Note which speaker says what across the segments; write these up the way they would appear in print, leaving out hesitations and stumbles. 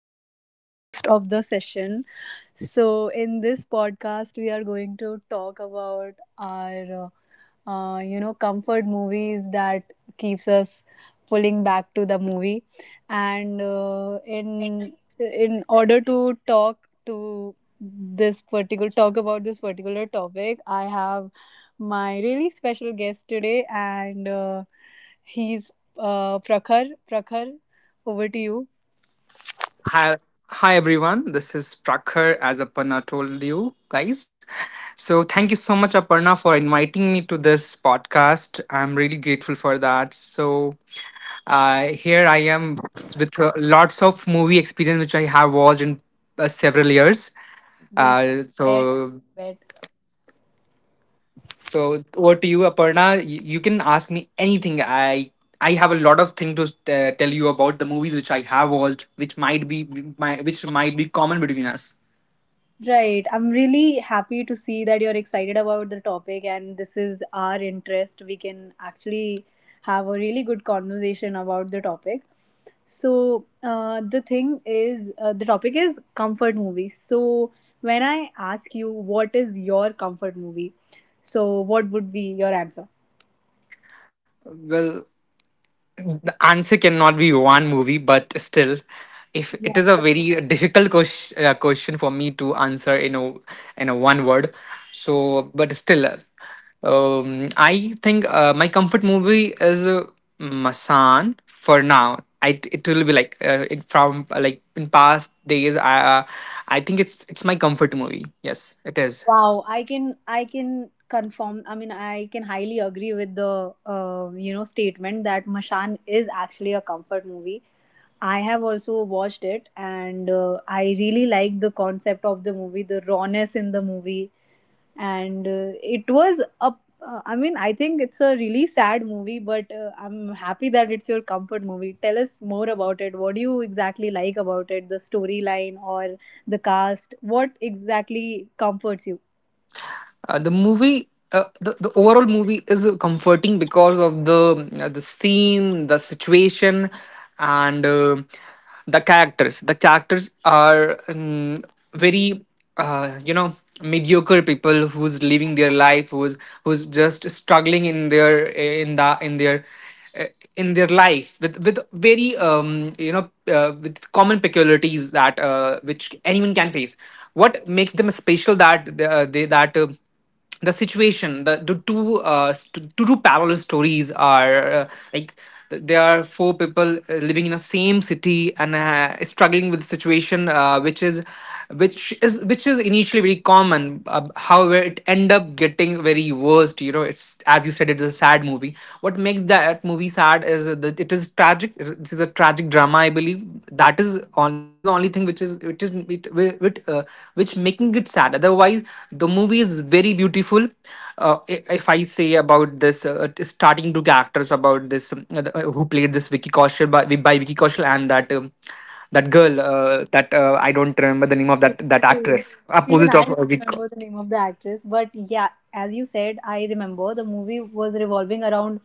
Speaker 1: and I am host of the session. So, in this podcast, we are going to talk about our, comfort movies that keeps us pulling back to the movie. And in order to talk to this particular talk about this particular topic, I have my really special guest today, and he's Prakhar. Prakhar, over to you.
Speaker 2: Hi, hi everyone. This is Prakhar, as Aparna told you guys. So thank you so much, Aparna, for inviting me to this podcast. I'm really grateful for that. So here I am with lots of movie experience which I have watched in several years.
Speaker 1: Yes,
Speaker 2: Uh,
Speaker 1: bet,
Speaker 2: so
Speaker 1: bet.
Speaker 2: so over to you, Aparna. You can ask me anything. I have a lot of thing to tell you about the movies which I have watched, which might be common between us.
Speaker 1: Right. I'm really happy to see that you're excited about the topic and this is our interest. We can actually have a really good conversation about the topic. So, the thing is, the topic is comfort movies. So, when I ask you what is your comfort movie, so what would be your answer?
Speaker 2: Well, the answer cannot be one movie, but still, if it is a very difficult question, question for me to answer in a one word, so but still, I think my comfort movie is Masan for now. It will be like it from like in past days. I think it's my comfort movie. Yes, it is.
Speaker 1: Wow, I can confirm. I mean, I can highly agree with the statement that Mashan is actually a comfort movie. I have also watched it, and I really like the concept of the movie, the rawness in the movie, and it was a. I mean, I think it's a really sad movie, but I'm happy that it's your comfort movie. Tell us more about it. What do you exactly like about it? The storyline or the cast? What exactly comforts you?
Speaker 2: The overall movie is comforting because of the scene, the situation, and the characters. The characters are very, mediocre people who's living their life, who's just struggling in their in the uh, in their life with very with common peculiarities that which anyone can face. What makes them special that they that the situation, the two two parallel stories are like, there are four people living in the same city and struggling with the situation which is which is initially very common. However, it end up getting very worst. You know, it's as you said, it's a sad movie. What makes that movie sad is that it is tragic. It is a tragic drama, I believe. That is the only thing which is it, which, uh, which making it sad. Otherwise the movie is very beautiful. If I say about this starting to characters about this, who played this Vicky Kaushal by Vicky Kaushal, and that that girl, that I don't remember the name of that
Speaker 1: Same.
Speaker 2: actress
Speaker 1: Even
Speaker 2: opposite
Speaker 1: I
Speaker 2: of
Speaker 1: don't
Speaker 2: Vic-
Speaker 1: remember the name of the actress, but yeah, as you said, I remember the movie was revolving around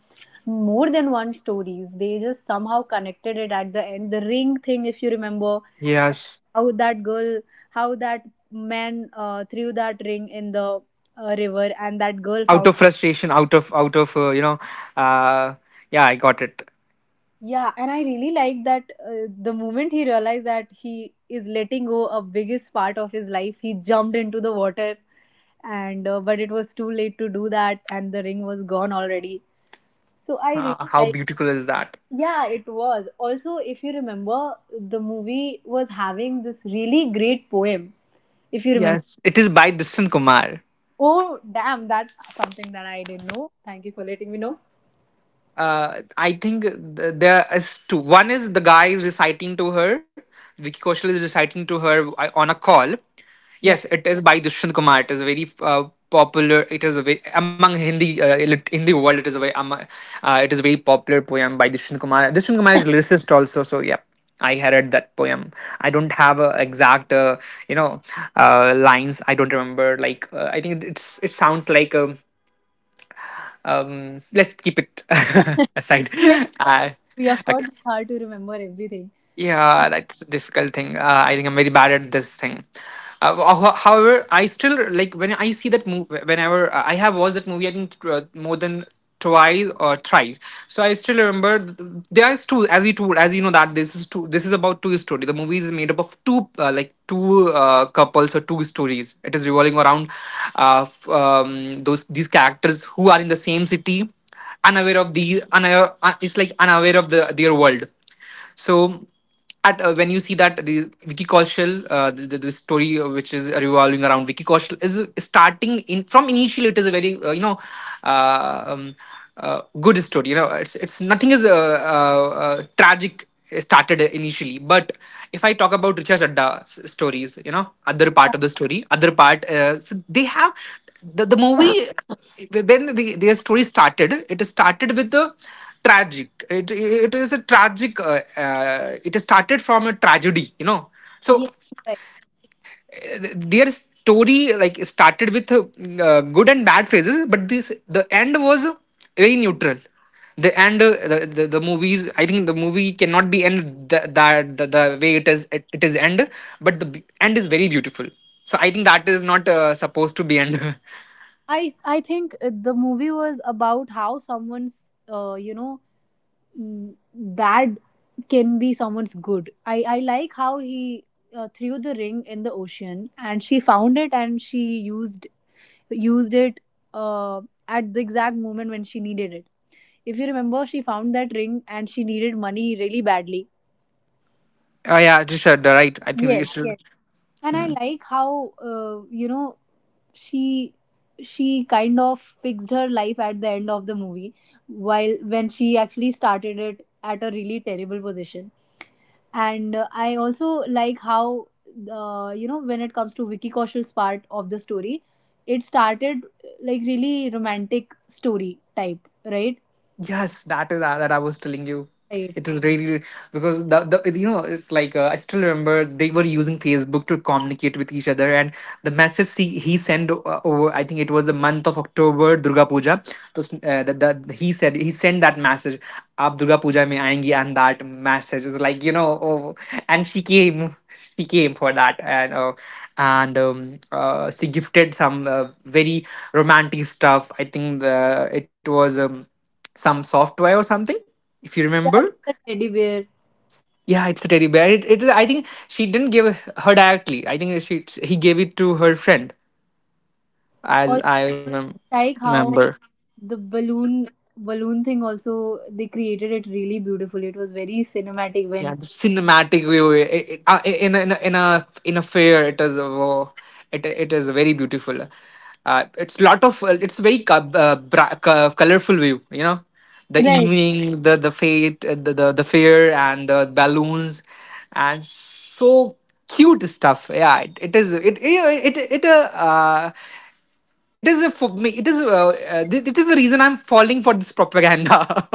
Speaker 1: more than one stories. They just somehow connected it at the end. The ring thing, if you remember,
Speaker 2: yes.
Speaker 1: how that girl, how that man threw that ring in the river, and that girl
Speaker 2: Out
Speaker 1: found.
Speaker 2: of frustration, out of you know uh, yeah, I got it.
Speaker 1: Yeah, and I really like that the moment he realized that he is letting go a biggest part of his life, he jumped into the water and but it was too late to do that and the ring was gone already. So I really
Speaker 2: How
Speaker 1: like.
Speaker 2: beautiful is that.
Speaker 1: Yeah, it was. Also, if you remember, the movie was having this really great poem. If you remember.
Speaker 2: Yes, it is by Distant Kumar.
Speaker 1: Oh, damn, that's something that I didn't know. Thank you for letting me know.
Speaker 2: I think, there is two. One is the guy is reciting to her. Vicky Kaushal is reciting to her on a call. Yes,
Speaker 1: Yeah.
Speaker 2: it is by Dushant Kumar. It is very popular. It is a very, among Hindi, Hindi world. It is a very it is a very popular poem by Dushant Kumar. Dushant Kumar is lyricist also. So yeah. I heard that poem. I don't have a exact, you know, lines. I don't remember. Like, I think it sounds like. Let's keep it aside.
Speaker 1: Like,
Speaker 2: uh
Speaker 1: we of
Speaker 2: okay,
Speaker 1: course it's hard to remember everything.
Speaker 2: yeah, that's a difficult thing. I think I'm very bad at this thing. However, I still like when I see that movie. Whenever I have watched that movie, I think more than twice or thrice. So I still remember, there is two. As you told, as you know that this is two. This is about two story. The movie is made up of two, like two couples or two stories. It is revolving around those these characters who are in the same city, unaware. It's like unaware of their world. So at when you see that the Vicky Kaushal, the story which is revolving around Vicky Kaushal is starting in from initially, it is a very uh, um, good story. You know, it's nothing is tragic started initially, but if I talk about Richard Chadda's stories, you know, other part of the story, other part so they have the movie. When their story started, it started with the tragic. It is a tragic, it started from a tragedy, you know. So
Speaker 1: Yeah, right.
Speaker 2: their story like started with good and bad phases, but this the end was very neutral. The end the movies, I think the movie cannot be end that the way it is. It is end, but the end is very beautiful. So I think that is not supposed to be end.
Speaker 1: I think the movie was about how someone's uh, you know bad can be someone's good. I like how he threw the ring in the ocean and she found it and she used it uh, at the exact moment when she needed it. If you remember, she found that ring and she needed money really badly.
Speaker 2: oh yeah, Richard, right, I think we
Speaker 1: Yes,
Speaker 2: should.
Speaker 1: yes. And I
Speaker 2: Hmm.
Speaker 1: like how she she kind of fixed her life at the end of the movie while when she actually started it at a really terrible position, and I also like how, when it comes to Vicky Kaushal's part of the story, it started like really romantic story type, right,
Speaker 2: Yes, that is that I was telling you.
Speaker 1: right.
Speaker 2: It is really really, because the you know it's like, I still remember they were using Facebook to communicate with each other, and the message he sent over, I think it was the month of October, Durga Puja. So he said he sent that message, आप Durga Puja mein आएंगी, and that message is like, oh, and she came for that, and she gifted some very romantic stuff. I think it was, some software or something, if you
Speaker 1: That's
Speaker 2: remember.
Speaker 1: the teddy bear.
Speaker 2: Yeah, it's a teddy bear. It I think she didn't give her directly. I think she he gave it to her friend,
Speaker 1: Also,
Speaker 2: as I
Speaker 1: like how
Speaker 2: remember.
Speaker 1: the balloon thing also, they created it really beautiful. It was very cinematic
Speaker 2: Yeah,
Speaker 1: when,
Speaker 2: the cinematic view, in a, in a fair. It is it is very beautiful. It's lot of, it's very colorful view. You know, the
Speaker 1: right,
Speaker 2: evening, the fate, the fair, and the balloons, and so cute stuff. Yeah, it is a, for me. It is the reason I'm falling for this propaganda.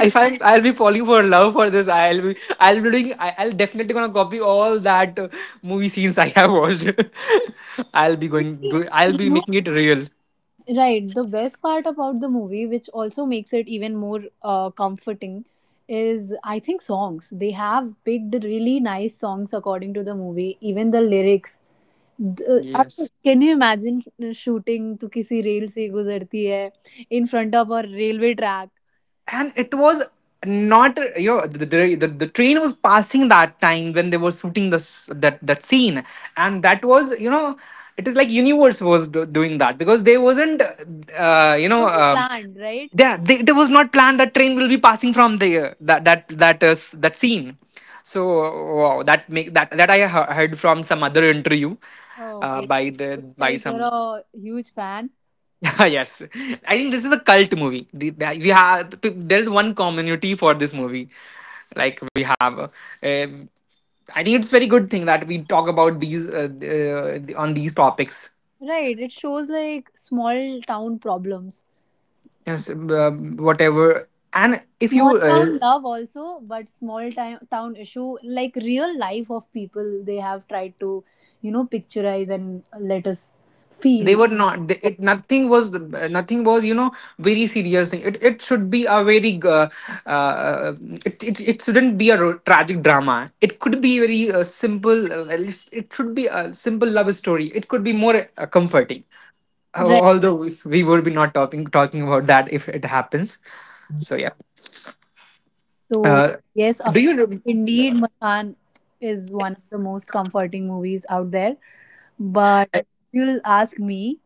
Speaker 2: If I'll be falling for love for this. I'll be doing. I'll definitely gonna copy all that movie scenes I have watched. I'll be going.
Speaker 1: You
Speaker 2: I'll be
Speaker 1: know,
Speaker 2: making it real.
Speaker 1: right. The best part about the movie, which also makes it even more comforting, is, I think, songs. They have picked really nice songs according to the movie, even the lyrics. I mean,
Speaker 2: Yes.
Speaker 1: can you imagine shooting to kisi rail se guzarti hai in front of a railway track?
Speaker 2: And it was not, you know, the train was passing that time when they were shooting this that that scene. And that was, you know, it is like universe was doing that, because they wasn't. uh, you
Speaker 1: It
Speaker 2: know
Speaker 1: wasn't
Speaker 2: um,
Speaker 1: planned, right?
Speaker 2: yeah, it was not planned that train will be passing from the that scene. So wow, that make that that I heard from some other interview,
Speaker 1: Oh, okay.
Speaker 2: by the
Speaker 1: Looks
Speaker 2: by
Speaker 1: like you're
Speaker 2: some.
Speaker 1: a huge fan.
Speaker 2: Yes, I think this is a cult movie. We have, there is one community for this movie. Like we have, um, I think it's very good thing that we talk about these on these topics.
Speaker 1: Right. It shows like small town problems.
Speaker 2: Yes, whatever. And if
Speaker 1: Small
Speaker 2: you
Speaker 1: town love also, but small time town issue, like real life of people they have tried to picturize and let us feel,
Speaker 2: they were not. It, nothing was, nothing was, you know, very serious thing. It should be a very, uh, it shouldn't be a tragic drama. It could be very simple. At least it should be a simple love story. It could be more comforting.
Speaker 1: right?
Speaker 2: Although we would be not talking about that if it happens. So yeah,
Speaker 1: So
Speaker 2: uh,
Speaker 1: yes, of
Speaker 2: do you
Speaker 1: course,
Speaker 2: know.
Speaker 1: indeed Mashan is one of the most comforting movies out there, but if you'll ask me,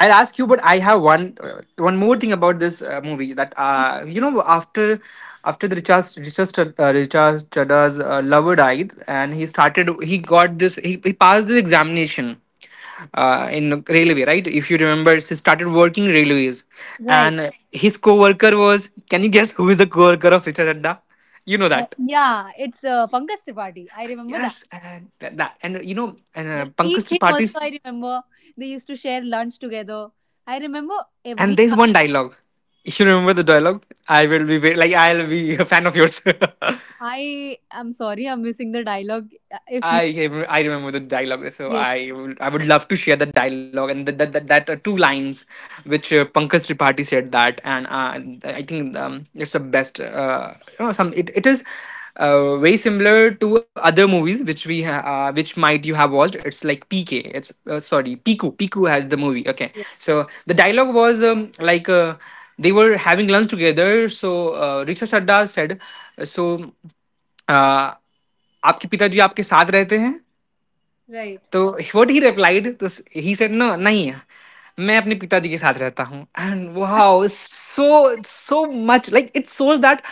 Speaker 2: I'll ask you, but I have one more thing about this movie, that, you know, after the Richard Chadda's lover died and he got this, he passed this examination in railway, right? If you remember, he started working railways.
Speaker 1: right.
Speaker 2: And his co-worker was, can you guess who is the co-worker of Richard Chadda, you know
Speaker 1: uh,
Speaker 2: that?
Speaker 1: yeah it's Pankaj Tripathi, I remember that.
Speaker 2: Yes, and
Speaker 1: The key
Speaker 2: Pankaj
Speaker 1: thing
Speaker 2: Tripathi.
Speaker 1: also, I remember they used to share lunch together, I remember
Speaker 2: And
Speaker 1: every.
Speaker 2: there's one dialogue. If you remember the dialogue, I will be like, I'll be a fan of yours.
Speaker 1: I am sorry, I'm missing the dialogue. If you.
Speaker 2: I I remember the dialogue, so
Speaker 1: Yes,
Speaker 2: I would love to share the dialogue, and that that that two lines which Pankaj Tripathi said that, and I think it's the best. Some, it is very similar to other movies which which might you have watched. It's like PK. It's sorry, Piku. Piku has the movie. Okay,
Speaker 1: yes.
Speaker 2: so the dialogue was, like. They were having lunch together. So Richard Sadda said, "So." Uh, आपके पिताजी आपके साथ रहते हैं?
Speaker 1: Right.
Speaker 2: तो what he replied this he said no नहीं है, मैं अपने पिताजी के साथ रहता हूँ and wow so much like it shows that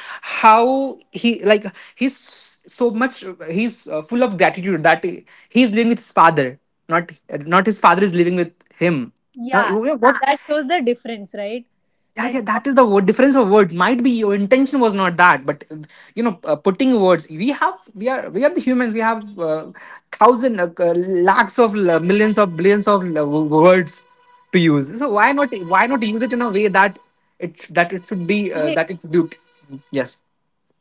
Speaker 2: how he like he so much he's full of gratitude that he is living with his father, not, not his father is living with him now.
Speaker 1: Yeah,
Speaker 2: You know what?
Speaker 1: that shows the difference, right?
Speaker 2: Yeah,
Speaker 1: That
Speaker 2: yeah,
Speaker 1: how
Speaker 2: that is the word, difference of words. Might be your intention was not that, but putting words. We are the humans. We have thousand, lakhs of millions of billions of words to use. So why not use it in a way that it should be
Speaker 1: they.
Speaker 2: that it built. Yes.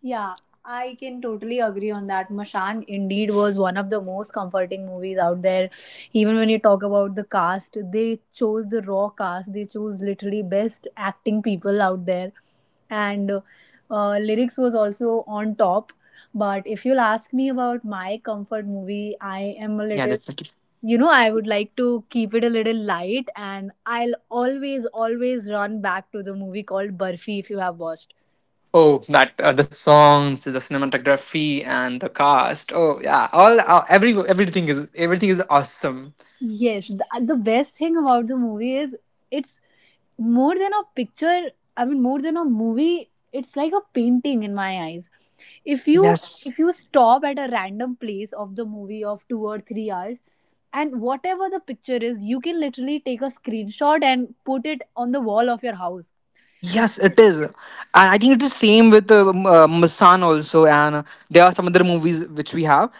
Speaker 1: Yeah, I can totally agree on that. Mashan indeed was one of the most comforting movies out there. Even when you talk about the cast, they chose the raw cast. They chose literally best acting people out there, and lyrics was also on top. But if you'll ask me about my comfort movie, I am a
Speaker 2: Yeah,
Speaker 1: little,
Speaker 2: that's like it.
Speaker 1: I would like to keep it a little light, and I'll always, always run back to the movie called Burfi, if you have watched.
Speaker 2: Oh, that the songs, the cinematography, and the cast. Oh yeah, all everything is everything is awesome.
Speaker 1: Yes, the best thing about the movie is, it's more than a picture. I mean, more than a movie. It's like a painting in my eyes. if you
Speaker 2: Yes.
Speaker 1: if you stop at a random place of the movie of 2 or 3 hours, and whatever the picture is, you can literally take a screenshot and put it on the wall of your house.
Speaker 2: Yes, it is. And I think it is same with Masan also, and there are some other movies which we have.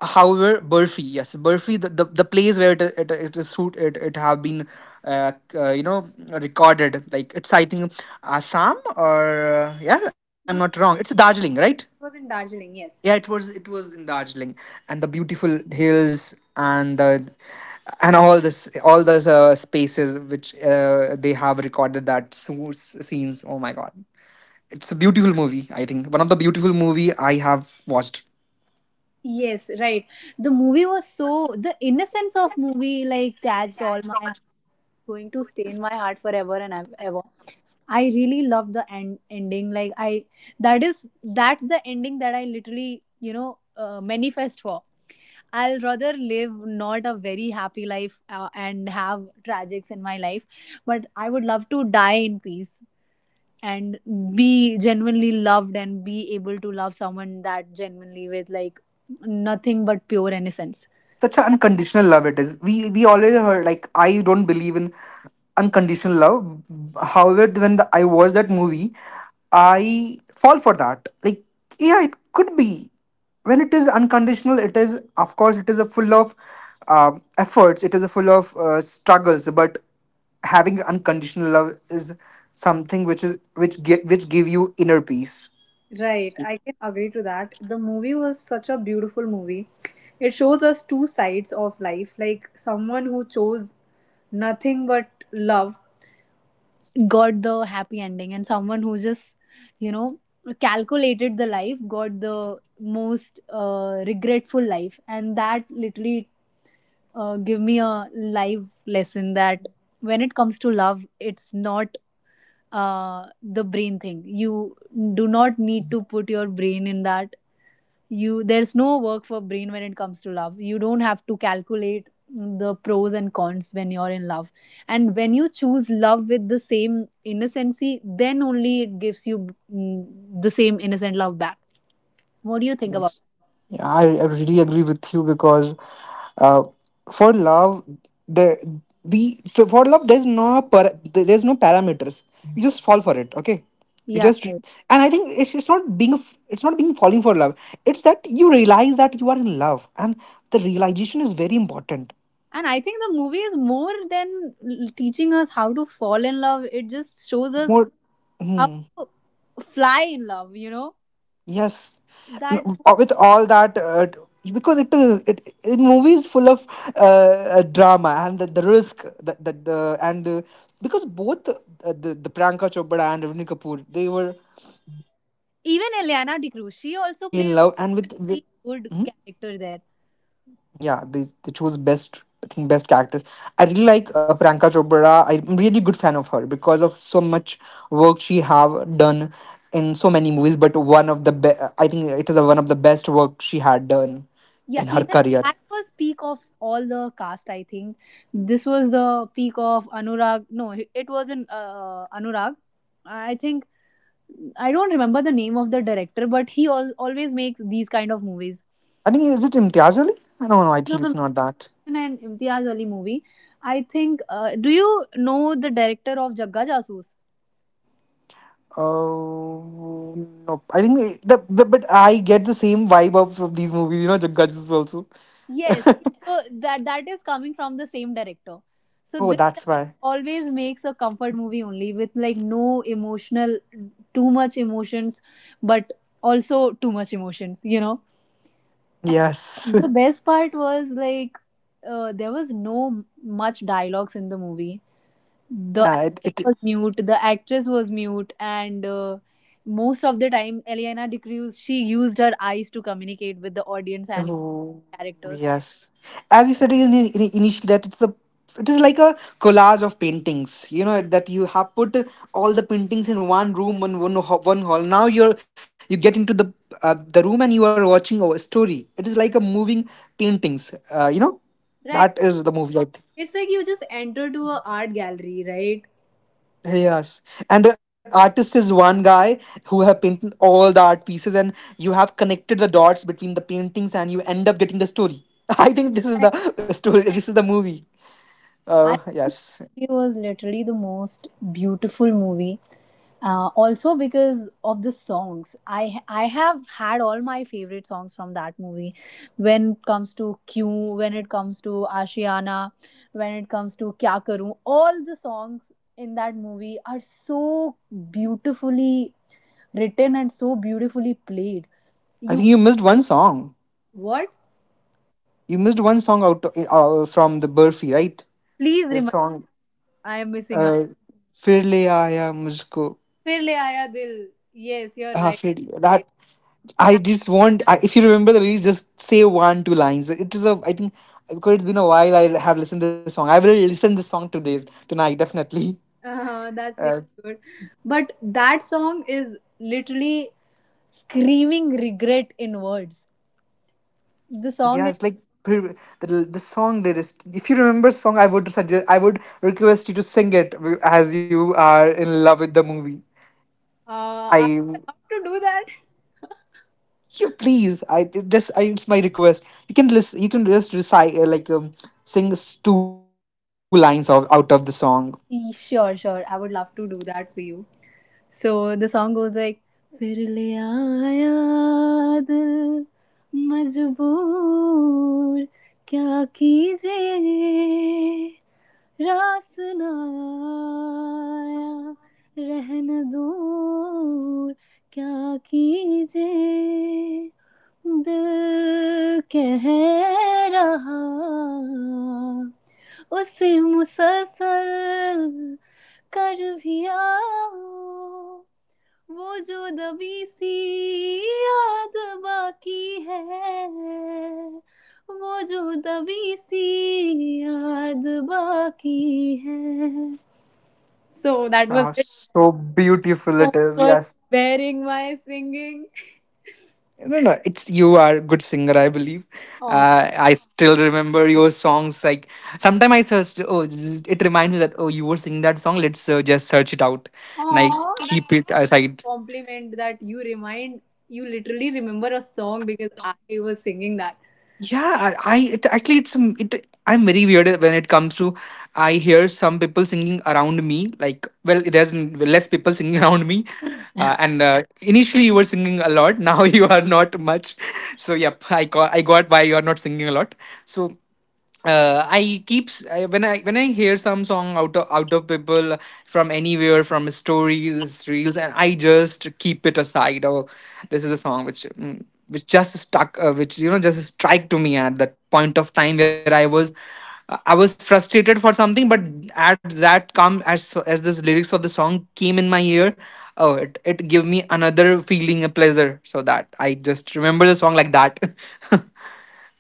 Speaker 2: However, Burfi, yes, Burfi, the place where it is shoot it have been, recorded. Like it's I think Assam or yeah, if I'm
Speaker 1: No,
Speaker 2: not wrong, it's Darjeeling, right?
Speaker 1: it was in Darjeeling, yes.
Speaker 2: Yeah, it was in Darjeeling, and the beautiful hills and the and all this all those spaces which they have recorded that scenes. Oh my god, it's a beautiful movie. I think one of the beautiful movie I have watched.
Speaker 1: Yes, right. The movie was so, the innocence of movie like catched all my heart, going to stay in my heart forever and ever. I really love the ending. Like I, that's the ending that I literally, manifest for. I'll rather live not a very happy life and have tragics in my life, but I would love to die in peace and be genuinely loved and be able to love someone that genuinely, with like nothing but pure innocence.
Speaker 2: Such an unconditional love it is. We always heard like I don't believe in unconditional love, however when I watch that movie I fall for that. Like yeah, it could be when it is unconditional. It is of course it is a full of efforts. It is a full of struggles, but having unconditional love is something which is which give you inner peace.
Speaker 1: Right, I can agree to that. The movie was such a beautiful movie. It shows us two sides of life, like someone who chose nothing but love got the happy ending, and someone who just, you know calculated the life, got the most regretful life, and that literally give me a life lesson that when it comes to love, it's not the brain thing. You do not need to put your brain in that. You There's no work for brain when it comes to love. You don't have to calculate the pros and cons when you're in love, and when you choose love with the same innocency, then only it gives you, mm, the same innocent love back. What do you think about
Speaker 2: Yes. Yeah, I really agree with you because uh, for love, there for love there's there's no parameters. You just fall for it, okay?
Speaker 1: that?
Speaker 2: You
Speaker 1: Yeah,
Speaker 2: just, and
Speaker 1: right.
Speaker 2: I think it's not being a it's not being falling for love. It's that you realize that you are in love, and the realization is very important.
Speaker 1: And I think the movie is more than teaching us how to fall in love. It just shows us
Speaker 2: More.
Speaker 1: how to fly in love, you know
Speaker 2: Yes.
Speaker 1: that.
Speaker 2: With all that, because it is it in movies full of uh, drama and the risk that the and because both the Priyanka Chopra and Ravni Kapoor they were
Speaker 1: Even Eliana DeCruz,
Speaker 2: madly
Speaker 1: she
Speaker 2: in
Speaker 1: also
Speaker 2: love, and
Speaker 1: played a
Speaker 2: with.
Speaker 1: really good character there.
Speaker 2: Yeah, they chose best I think best characters. I really like Priyanka Chopra. I'm really good fan of her because of so much work she have done in so many movies. But one of I think it is a, one of the best work she had done
Speaker 1: Yeah,
Speaker 2: in her
Speaker 1: even
Speaker 2: career.
Speaker 1: that was peak of all the cast. I think this was the peak of Anurag. No, it wasn't Anurag. I think I don't remember the name of the director, but he always makes these kind of movies.
Speaker 2: I think is it Imtiaz Ali? No, no, I
Speaker 1: No,
Speaker 2: think
Speaker 1: no,
Speaker 2: it's not that.
Speaker 1: no. And Imtiaz Ali movie, I think. Do you know the director of Jagga Jasoos?
Speaker 2: Oh no, I think the but I get the same vibe of these movies. You know, Jagga Jaggas also.
Speaker 1: Yes. So that is coming from the same director. So
Speaker 2: Oh,
Speaker 1: this
Speaker 2: that's
Speaker 1: director
Speaker 2: why.
Speaker 1: always makes a comfort movie, only with like no emotional, too much emotions, but also too much emotions, you know.
Speaker 2: Yes.
Speaker 1: And the best part was like, there was no much dialogues in the movie. The
Speaker 2: Uh, it,
Speaker 1: actor
Speaker 2: it
Speaker 1: was mute, the actress was mute, and most of the time Eliana DeCruz, she used her eyes to communicate with the audience and with
Speaker 2: Oh,
Speaker 1: characters.
Speaker 2: yes. As you said initially, that it's a, it is like a collage of paintings. You know that you have put all the paintings in one room, one hall. Now you get into the room and you are watching a story. It is like a moving paintings. You know,
Speaker 1: Right.
Speaker 2: that is the movie. I
Speaker 1: It's
Speaker 2: think.
Speaker 1: like you just enter to a art gallery, right?
Speaker 2: Yes, and the artist is one guy who have painted all the art pieces, and you have connected the dots between the paintings, and you end up getting the story. I think this is
Speaker 1: Correct.
Speaker 2: the story. This is the movie.
Speaker 1: I think
Speaker 2: Yes,
Speaker 1: it was literally the most beautiful movie. Also, because of the songs, I have had all my favorite songs from that movie. When it comes to Q, when it comes to Ashiana, when it comes to Kya Karu, all the songs in that movie are so beautifully written and so beautifully played.
Speaker 2: I
Speaker 1: You
Speaker 2: think you missed one song.
Speaker 1: What?
Speaker 2: You missed one song out from the Burfi, right?
Speaker 1: Please
Speaker 2: The
Speaker 1: remind.
Speaker 2: song,
Speaker 1: I am missing out.
Speaker 2: uh, "Fir le aaya mujhko."
Speaker 1: फिर ले आया दिल. Yes, you're right.
Speaker 2: Definitely. That
Speaker 1: Right.
Speaker 2: I
Speaker 1: That
Speaker 2: just want. I, if you remember the lyrics, just say one two lines. It is a. I think because it's been a while. I have listened this song. I will listen this song today tonight definitely.
Speaker 1: that's
Speaker 2: Uh,
Speaker 1: really good. But that song is literally screaming regret in words. The song
Speaker 2: yeah,
Speaker 1: is.
Speaker 2: it's like pre- the the song lyrics. If you remember song, I would suggest. I would request you to sing it as you are in love with the movie.
Speaker 1: Are
Speaker 2: I.
Speaker 1: we allowed to do that?
Speaker 2: You please, I it just I, it's my request. You can listen. You can just recite sing two lines of, out of the song.
Speaker 1: Sure, sure. I would love to do that for you. So the song goes like फिर ले आया दिल मजबूर क्या कीजिए रासना आया रहन दूर क्या कीजिए दिल कह रहा उसे मुसलसल कर भी आओ वो जो दबी सी याद बाकी है वो जो दबी सी याद बाकी है. So that was
Speaker 2: Ah,
Speaker 1: it.
Speaker 2: so beautiful it
Speaker 1: So
Speaker 2: is.
Speaker 1: for
Speaker 2: Yes.
Speaker 1: wearing my singing.
Speaker 2: No, no, it's you are a good singer, I believe.
Speaker 1: Oh,
Speaker 2: I still remember your songs. Like sometime I searched. Oh, just- it reminds me that oh, you were singing that song. Let's just search it out, and I
Speaker 1: oh, that's
Speaker 2: keep it
Speaker 1: a
Speaker 2: aside.
Speaker 1: compliment, that you remind, you literally remember a song because I was singing that.
Speaker 2: Yeah, I it actually it's some it I'm very weird when it comes to I hear some people singing around me. Like well there's less people singing around me, and initially you were singing a lot, now you are not much. So yep, I got why you are not singing a lot. So when I hear some song out of people from anywhere, from stories reels, and I just keep it aside. Oh, this is a song which which just stuck, which you know just strike to me at that point of time where I was. I was frustrated for something, but at that come as this lyrics of the song came in my ear, oh it it gave me another feeling, a pleasure. So that I just remember the song like that.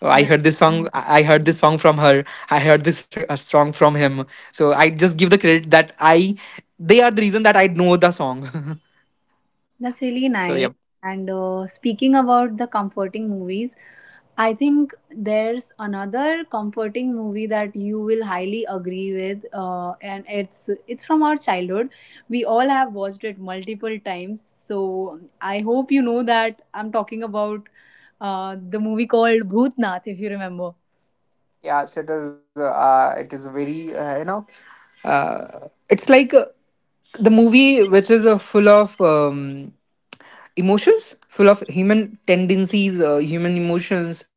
Speaker 2: Oh, I
Speaker 1: That
Speaker 2: heard this song. I heard this song from her. I heard this song from him. So I just give the credit that I. They are the reason that I know the song.
Speaker 1: That's really
Speaker 2: So
Speaker 1: nice.
Speaker 2: yep.
Speaker 1: And speaking about the comforting movies, I think there's another comforting movie that you will highly agree with, and it's from our childhood. We all have watched it multiple times, so I hope you know that I'm talking about the movie called Bhootnath, if you remember.
Speaker 2: Yeah, so it is. It is very. You know, it's like the movie which is full of emotions, full of human tendencies, human emotions,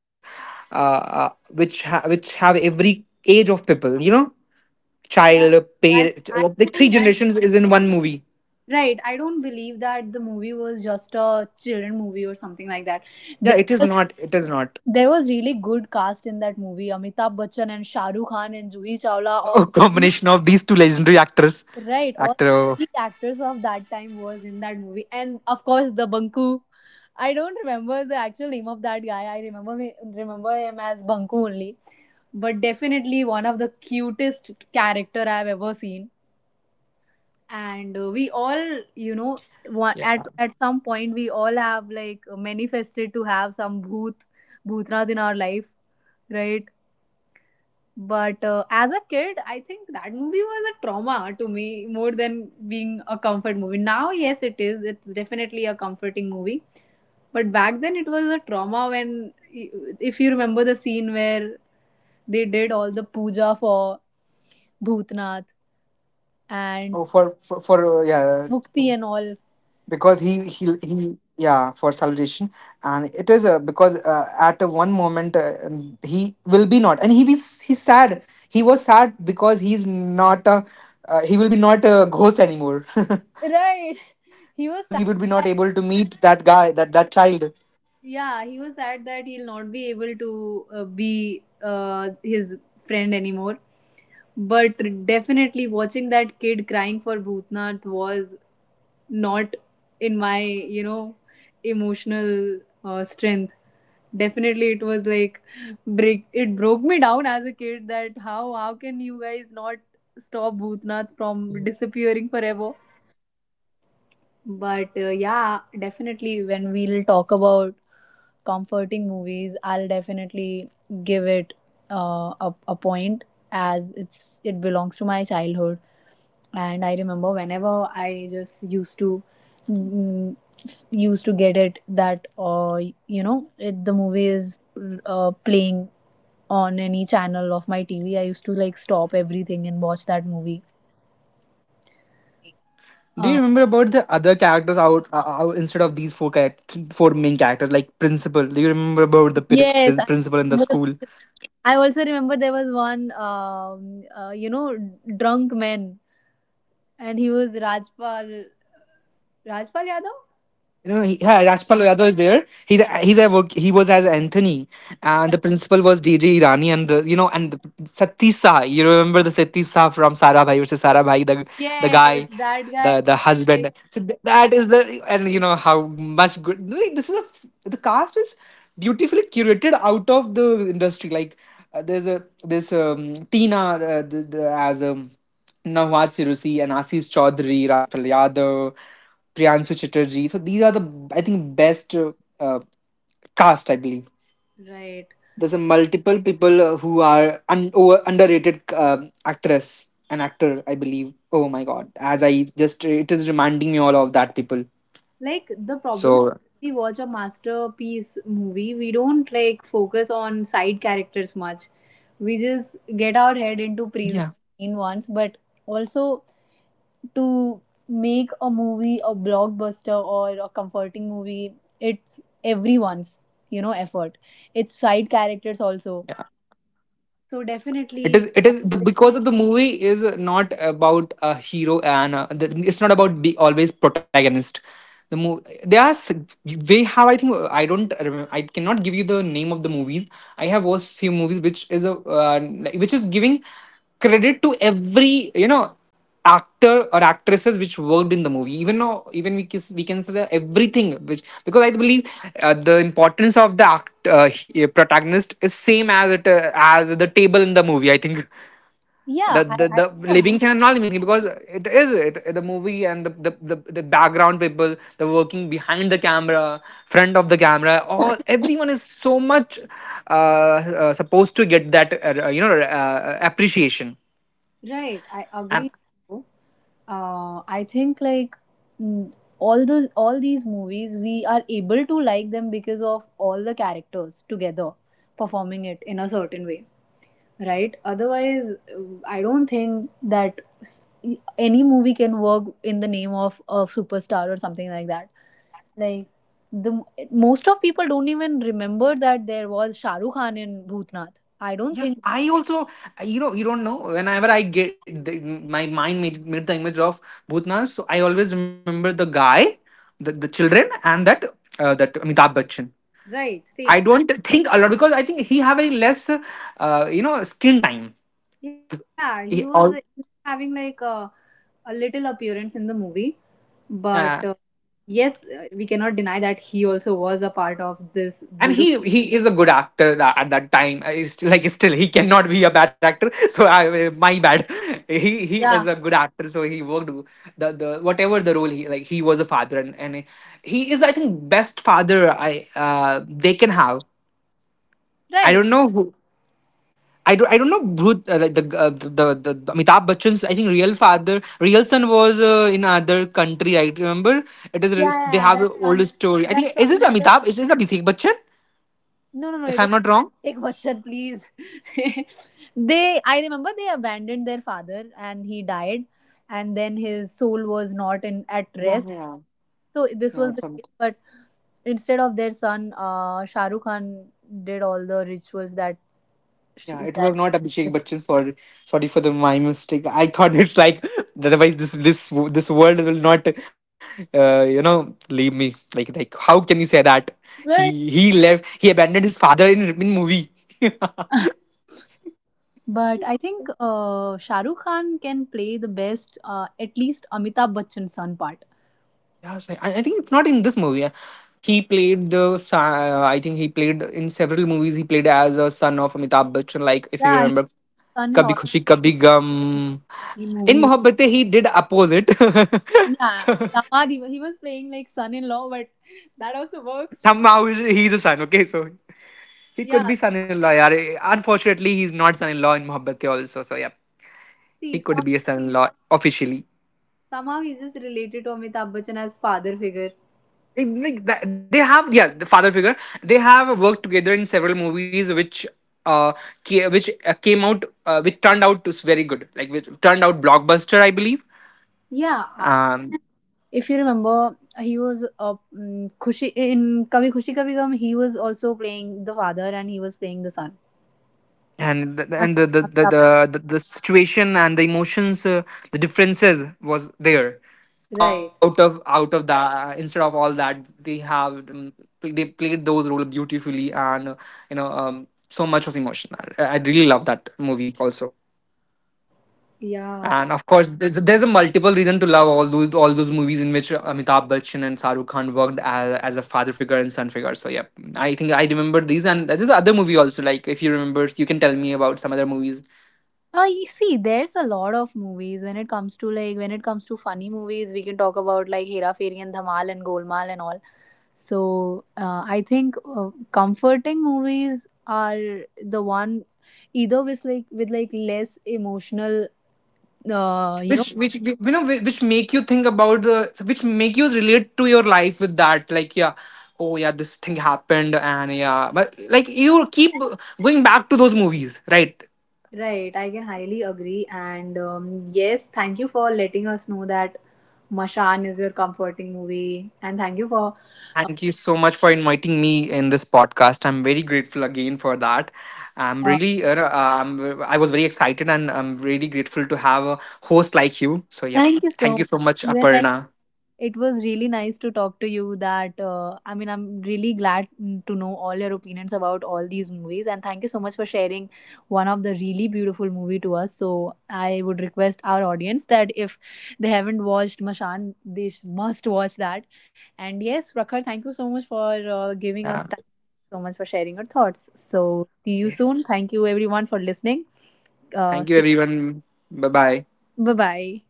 Speaker 2: which which have every age of people. You know,
Speaker 1: Yeah,
Speaker 2: child,
Speaker 1: that
Speaker 2: parent,
Speaker 1: I
Speaker 2: like three
Speaker 1: don't.
Speaker 2: generations is in one movie.
Speaker 1: Right. I don't believe that the movie was just a children movie or something like that.
Speaker 2: Yeah, it is
Speaker 1: There
Speaker 2: not. It is not.
Speaker 1: There was really good cast in that movie. Amitabh Bachchan and Shah Rukh Khan and Juhi Chawla, all
Speaker 2: Oh,
Speaker 1: the peak,
Speaker 2: combination of these two legendary actors,
Speaker 1: right? All the peak
Speaker 2: actor.
Speaker 1: actors of that time was in that movie, and of course the Banku. I don't remember the actual name of that guy. I remember remember him as Banku only, but definitely one of the cutest character I've ever seen. And we all, you know, at some point we all have like manifested to have some bhoot, bhootnath in our life, right? But as a kid, I think that movie was a trauma to me more than being a comfort movie. Now, yes, it is. It's definitely a comforting movie. But back then, it was a trauma when, if you remember the scene where they did all the puja for Bhutnath and
Speaker 2: Oh, for yeah,
Speaker 1: Mukti and all.
Speaker 2: because he yeah for salvation, and it is because at a one moment he will be not, and he's sad. He was sad because he's not a he will be not a ghost anymore,
Speaker 1: Right.
Speaker 2: because he would be not
Speaker 1: He was
Speaker 2: able to
Speaker 1: sad.
Speaker 2: meet that guy, that that child.
Speaker 1: Yeah, he was sad that he'll not be able to be his friend anymore. But definitely watching that kid crying for Bhutnath was not in my, you know, emotional strength. Definitely it was like break it broke me down as a kid that how can you guys not stop Bhutnath from disappearing forever? But yeah, definitely when we'll talk about comforting movies, I'll definitely give it a point as it belongs to my childhood. And I remember whenever I just used to mm, used to get it that you know it, the movie is playing on any channel of my TV. I used to like stop everything and watch that movie.
Speaker 2: Do you
Speaker 1: Uh,
Speaker 2: remember about the other characters out, out instead of these four characters, four main characters like principal? Do you remember about
Speaker 1: yes, I
Speaker 2: principal in the school?
Speaker 1: remember I also remember there was one, you know, drunk man, and he was Rajpal, Rajpal Yadav.
Speaker 2: You know, he, yeah, Rajpal Yadav is there. He's
Speaker 1: Yeah.
Speaker 2: a work, he was as Anthony, and the principal was DJ Irani, and the, you know, and the Satti Saha. You remember the Satti Saha from Sara Bhai versus Sara Bhai, the
Speaker 1: Yes,
Speaker 2: guy,
Speaker 1: that guy.
Speaker 2: the
Speaker 1: Like,
Speaker 2: husband. So that is the, and you know how much good. Really, this is a the cast is beautifully curated out of the industry. Like there's a this Tina as Nawaz Sirusi and Asis Chaudhary, Rajpal Yadav. Priyansu Chatterjee. So these are the I think best uh, cast I believe.
Speaker 1: right.
Speaker 2: There's a multiple people who are underrated actress and actor I believe. Oh my god! As I just it is reminding me all of that people.
Speaker 1: Like the problem,
Speaker 2: So
Speaker 1: we watch a masterpiece movie, we don't like focus on side characters much. We just get our head into praising
Speaker 2: yeah.
Speaker 1: main ones, but also to make a movie a blockbuster or a comforting movie, it's everyone's, you know, effort. It's side characters also. So
Speaker 2: It is
Speaker 1: definitely,
Speaker 2: it is the because of the movie is not about a hero, and it's not about be always protagonist. The movie they are they have I think I don't remember I cannot give you the name of the movies. I have watched few movies which is a uh, which is giving credit to every you know actor or actresses which worked in the movie, even though even we can say that everything which because I believe the importance of protagonist is same as it as the table in the movie I think.
Speaker 1: yeah, I
Speaker 2: The
Speaker 1: do agree
Speaker 2: living thing and not living thing, because it is it the movie and the background people, the working behind the camera, front of the camera, all everyone is so much supposed to get that you know appreciation.
Speaker 1: with right. I agree with you. I think like mm, all these movies we are able to like them because of all the characters together performing it in a certain way, right? Otherwise I don't think that any movie can work in the name of a superstar or something like that. Like the most of people don't even remember that there was shahrukh khan in bhutnath, I don't think.
Speaker 2: Yes, I also, you know, you don't know. Whenever I get the, my mind made, made the image of Bhutnath, so I always remember the guy, the children, and that that Amitabh Bachchan.
Speaker 1: Right,
Speaker 2: I
Speaker 1: same.
Speaker 2: don't think a lot because I think he have very less, you know, screen time.
Speaker 1: Yeah, he was
Speaker 2: He all.
Speaker 1: having like a little appearance in the movie, but
Speaker 2: Yeah,
Speaker 1: yes, we cannot deny that he also was a part of this
Speaker 2: and
Speaker 1: beautiful.
Speaker 2: he is a good actor at that time. He's still, like still he cannot be a bad actor. So I, my bad. He is a
Speaker 1: Yeah,
Speaker 2: good actor so he worked the whatever the role. He like he was a father, and he is I think best father. I they can have. I
Speaker 1: right.
Speaker 2: don't know who. I don't know Bhut, the Amitabh Bachchan's I think real father, real son was in another country I remember. It is
Speaker 1: yeah
Speaker 2: a- they
Speaker 1: yeah yeah,
Speaker 2: have an
Speaker 1: that's
Speaker 2: old
Speaker 1: on
Speaker 2: story. I think
Speaker 1: that's
Speaker 2: is it
Speaker 1: on.
Speaker 2: Amitabh, is this Abhishek Bachchan,
Speaker 1: No, no, no, you
Speaker 2: if I'm
Speaker 1: don't
Speaker 2: not wrong.
Speaker 1: take Bachchan, please. They, I remember they abandoned their father and he died, and then his soul was not in at
Speaker 2: Yeah,
Speaker 1: rest.
Speaker 2: yeah.
Speaker 1: So this
Speaker 2: Yeah,
Speaker 1: was
Speaker 2: it's
Speaker 1: the
Speaker 2: some.
Speaker 1: case, but instead of their son, Shah Rukh Khan did all the rituals that
Speaker 2: Yeah, it was
Speaker 1: that.
Speaker 2: not Abhishek Bachchan. Sorry, sorry for the my mistake. I thought it's like otherwise this this this world will not, you know, leave me. Like how can you say that?
Speaker 1: Right.
Speaker 2: He left. He abandoned his father in movie. Yeah,
Speaker 1: But I think Shah Rukh Khan can play the best, at least Amitabh Bachchan's son part.
Speaker 2: so I think it's not in this movie. Yeah. He played I think he played in several movies. He played as a son of Amitabh Bachchan. Like if you
Speaker 1: Yeah, he's
Speaker 2: remember,
Speaker 1: done in
Speaker 2: Kabhi
Speaker 1: all
Speaker 2: Khushi Kabhi Gum.
Speaker 1: the
Speaker 2: In
Speaker 1: movies.
Speaker 2: Mohabbatein, he did opposite.
Speaker 1: Yeah, Damadi. He was playing like son-in-law, but that also works.
Speaker 2: Somehow he's a son. Okay, so he could
Speaker 1: Yeah,
Speaker 2: be son-in-law. Yaar. Unfortunately, he's not son-in-law in Mohabbatein also. So yeah, he
Speaker 1: see, some,
Speaker 2: could be a son-in-law officially.
Speaker 1: somehow he's just related to Amitabh Bachchan as father figure.
Speaker 2: Like that- they have yeah the father figure. They have worked together in several movies, which uh which came out which turned out to very good. Like which turned out blockbuster, I believe.
Speaker 1: Yeah,
Speaker 2: Um,
Speaker 1: if you remember, he was Khushi in Kabhi Khushi Kabhi Gham. He was also playing the father, and he was playing the son.
Speaker 2: and
Speaker 1: Amitabh.
Speaker 2: the situation and the emotions the differences was there
Speaker 1: Right.
Speaker 2: out of that, instead of all that they have they played those role beautifully and you know so much of emotion. I really love that movie also,
Speaker 1: Yeah.
Speaker 2: and of course there's a multiple reason to love all those movies in which Amitabh Bachchan and Shahrukh Khan worked as a father figure and son figure. So yeah, I think I remember these, and there's other movie also. Like if you remember, you can tell me about some other movies
Speaker 1: You see, there's a lot of movies when it comes to funny movies. We can talk about like Hera Fairy and Dhamal and Golmaal and all. So I think comforting movies are the one either with like less emotional you know.
Speaker 2: which you know which make you think about the so which make you relate to your life with that. Like yeah, oh yeah this thing happened, and yeah, but like you keep going back to those movies, right?
Speaker 1: Right, I can highly agree, and yes, thank you for letting us know that Mashan is your comforting movie, and thank you for
Speaker 2: Thank you so much for inviting me in this podcast. I'm very grateful again for that. I'm
Speaker 1: uh,
Speaker 2: really I was very excited, and I'm really grateful to have a host like you. So yeah,
Speaker 1: thank you so
Speaker 2: thank you so
Speaker 1: much
Speaker 2: much
Speaker 1: even like.
Speaker 2: Aparna.
Speaker 1: It was really nice to talk to you that I mean I'm really glad, to know all your opinions about all these movies, and thank you so much for sharing one of the really beautiful movie to us. So I would request our audience that if they haven't watched Mashan, they must watch that. And yes, Prakhar, thank you so much for giving
Speaker 2: Yeah.
Speaker 1: us time so much for sharing your thoughts. So see you
Speaker 2: Okay.
Speaker 1: soon. Thank you everyone for listening.
Speaker 2: Thank you
Speaker 1: Stay
Speaker 2: everyone. Bye bye.
Speaker 1: bye bye.